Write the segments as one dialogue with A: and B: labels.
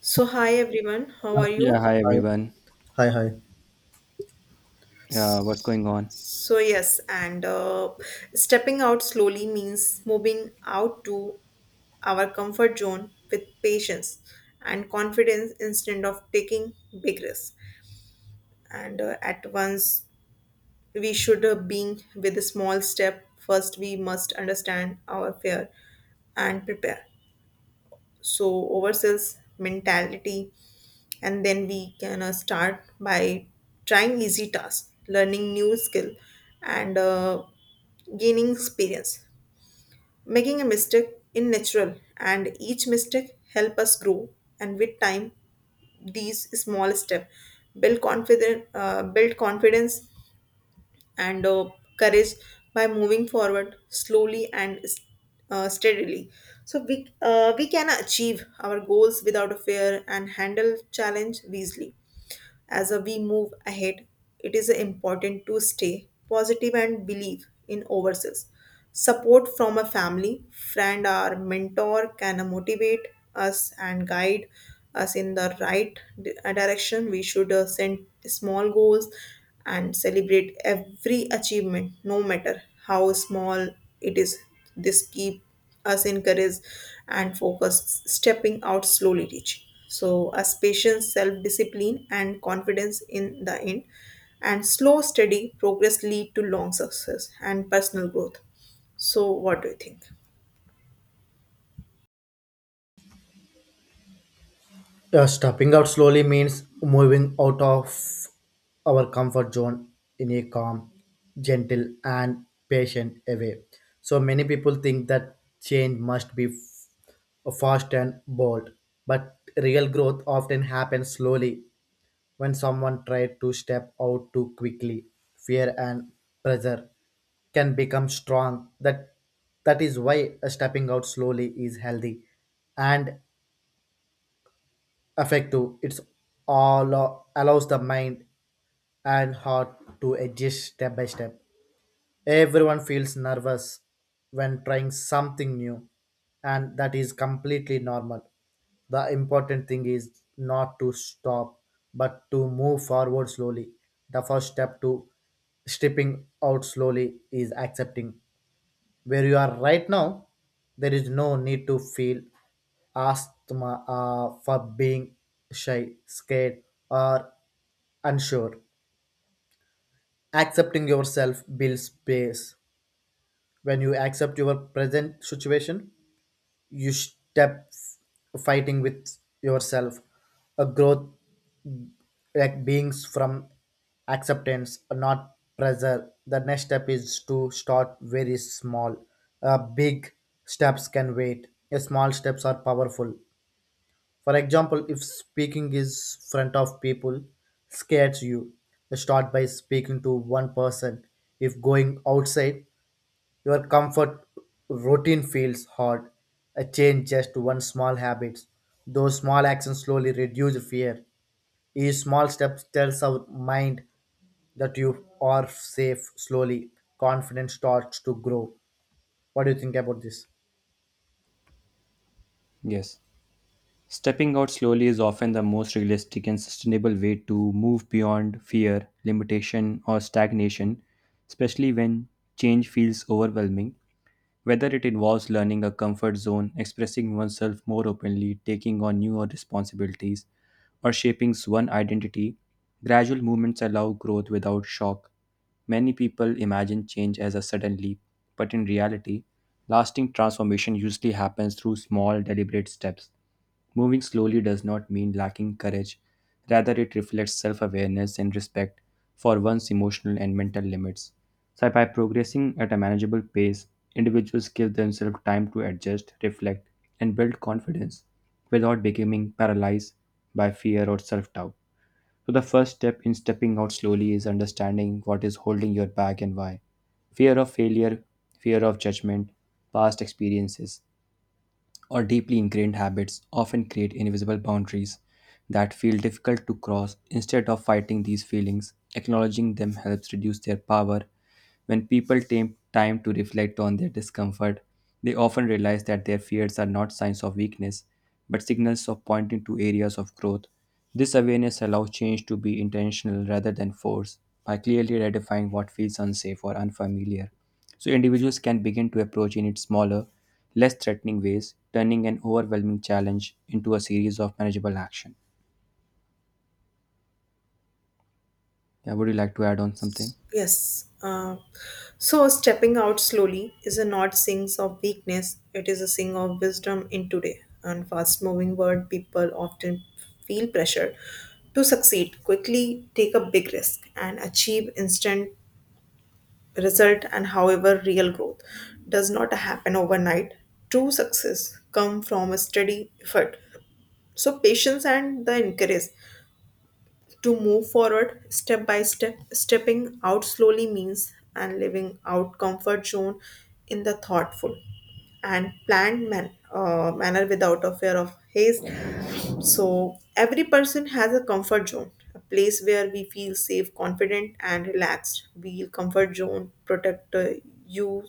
A: So, hi everyone, how are
B: Yeah,
A: you?
B: hi
C: Hi,
B: everyone.
C: hi, hi.
B: What's going on?
A: So, yes, and stepping out slowly means moving out to our comfort zone with patience and confidence instead of taking big risks. And At once, we should being with a small step. First, we must understand our fear and prepare, so oversells mentality. And then we can start by trying easy tasks, learning new skill, and gaining experience. Making a mistake in natural, and each mistake help us grow. And with time, these small step build confidence, build confidence and courage, by moving forward slowly and steadily. So we can achieve our goals without a fear and handle challenge wisely. As we move ahead, it is important to stay positive and believe in ourselves. Support from a family, friend, or mentor can motivate us and guide us in the right direction. We should set small goals and celebrate every achievement, no matter how small it is. This keep us encourage and focus, stepping out slowly teach so us patience, self-discipline, and confidence in the end, and slow steady progress lead to long success and personal growth. So what do you think?
C: Yeah, stepping out slowly means moving out of our comfort zone in a calm, gentle, and patient way. So many people think that change must be fast and bold, but real growth often happens slowly when someone tries to step out too quickly. Fear and pressure can become strong. That is why stepping out slowly is healthy and effective. It's allows the mind and heart to adjust step by step. Everyone feels nervous when trying something new, and that is completely normal. The important thing is not to stop but to move forward slowly. The first step to stepping out slowly is accepting where you are right now. There is no need to feel asthma for being shy, scared, or unsure. Accepting yourself builds space. When you accept your present situation, you step fighting with yourself. A growth like beings from acceptance not pressure. The next step is to start very small. Big steps can wait. Small steps are powerful. For example, if speaking is front of people scares you, start by speaking to one person. If going outside your comfort routine feels hard, change just one small habit. Those small actions slowly reduce fear. Each small step tells our mind that you are safe. Slowly, confidence starts to grow. What do you think about this?
B: Yes. Stepping out slowly is often the most realistic and sustainable way to move beyond fear, limitation, or stagnation, especially when change feels overwhelming. Whether it involves learning a comfort zone, expressing oneself more openly, taking on newer responsibilities, or shaping one's identity, gradual movements allow growth without shock. Many people imagine change as a sudden leap, but in reality, lasting transformation usually happens through small, deliberate steps. Moving slowly does not mean lacking courage, rather, it reflects self awareness and respect for one's emotional and mental limits. So, by progressing at a manageable pace, individuals give themselves time to adjust, reflect, and build confidence without becoming paralyzed by fear or self doubt. So, the first step in stepping out slowly is understanding what is holding you back and why. Fear of failure, fear of judgment, past experiences, or deeply ingrained habits often create invisible boundaries that feel difficult to cross. Instead of fighting these feelings, acknowledging them helps reduce their power when people take time to reflect on their discomfort, they often realize that their fears are not signs of weakness, but signals of pointing to areas of growth. This awareness allows change to be intentional rather than forced by clearly identifying what feels unsafe or unfamiliar. So individuals can begin to approach in its smaller, less threatening ways, turning an overwhelming challenge into a series of manageable action. Yeah, would you like to add on something?
A: Yes. So stepping out slowly is a not sings of weakness. It is a sing of wisdom in today. And fast moving world, people often feel pressure to succeed quickly, take a big risk, and achieve instant result. And however, real growth does not happen overnight. True success come from a steady effort. So patience and the encourage to move forward step by step, stepping out slowly means and living out comfort zone in the thoughtful and planned manner without a fear of haste. So every person has a comfort zone, a place where we feel safe, confident, and relaxed. We comfort zone protect you,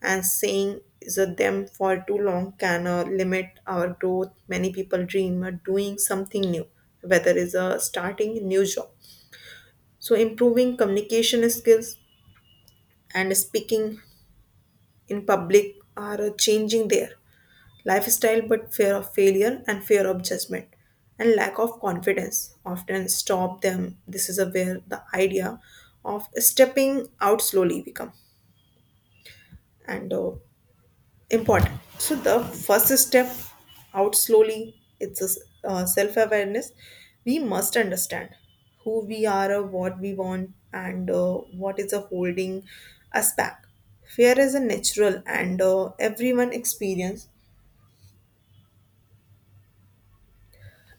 A: and saying is a them for too long can limit our growth. Many people dream of doing something new, whether it's starting a new job. So improving communication skills and speaking in public are changing there lifestyle, but fear of failure and fear of judgment and lack of confidence often stop them. This is a where the idea of stepping out slowly become and important. So the first step out slowly it's a self-awareness. We must understand who we are, what we want, and what is holding us back. Fear is a natural, and everyone experience,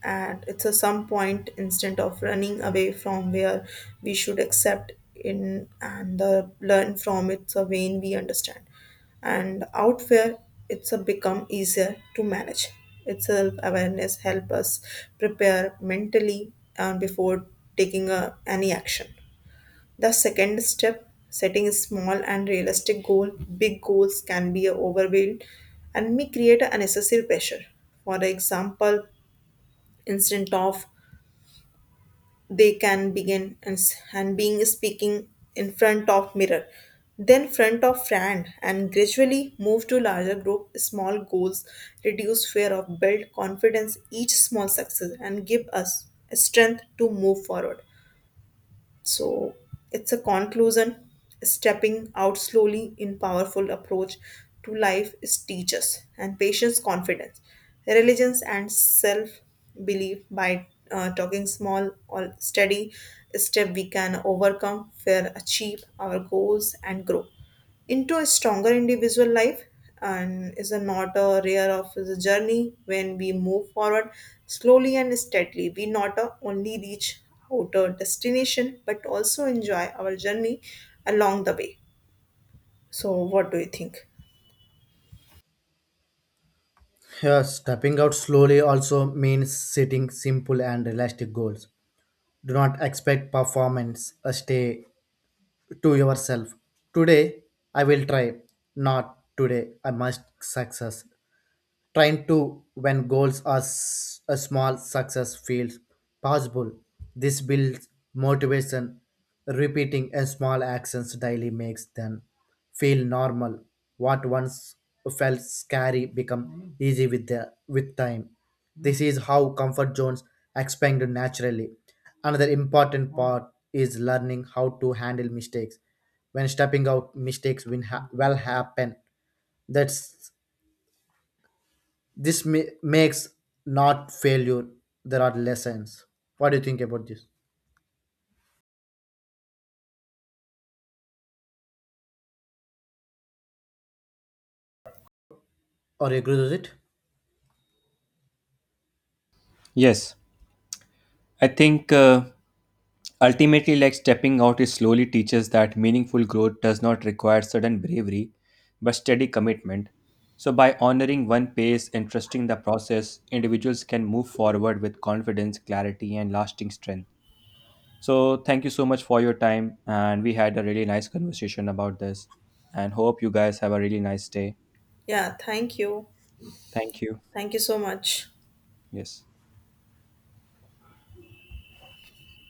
A: and it's a some point. Instead of running away from where, we should accept in and the learn from it's a vein. We understand and out where, it's a become easier to manage itself. Awareness help us prepare mentally before taking a, any action. The second step, setting small and realistic goal. Big goals can be overwhelmed and may create a unnecessary pressure. For example, instead of, they can begin and being speaking in front of mirror, then front of friend, and gradually move to larger group. Small goals reduce fear of build confidence, each small success and give us strength to move forward. So it's a conclusion. Stepping out slowly in powerful approach to life is teaches and patience, confidence, religions, and self belief. By talking small or steady step, we can overcome fear, achieve our goals, and grow into a stronger individual life. And is a not a rare of the journey, when we move forward slowly and steadily, we not only reach outer destination but also enjoy our journey along the way. So what do you think?
C: Yes, stepping out slowly also means setting simple and realistic goals. Do not expect performance. Stay to yourself. Today, I will try. Not today, I must success. Trying to when goals are a small, success feels possible. This builds motivation. Repeating a small actions daily makes them feel normal. What once felt scary become easy with time. This is how comfort zones expand naturally. Another important part is learning how to handle mistakes. When stepping out, mistakes will happen. That's this makes not failure. There are lessons. What do you think about this? Or you agree with it?
B: Yes, I think ultimately, like stepping out, it slowly teaches that meaningful growth does not require sudden bravery, but steady commitment. So, by honoring one pace and trusting the process, individuals can move forward with confidence, clarity, and lasting strength. So, thank you so much for your time, and we had a really nice conversation about this. And hope you guys have a really nice day.
A: Yeah, thank you.
B: Thank you.
A: Thank you so much.
B: Yes.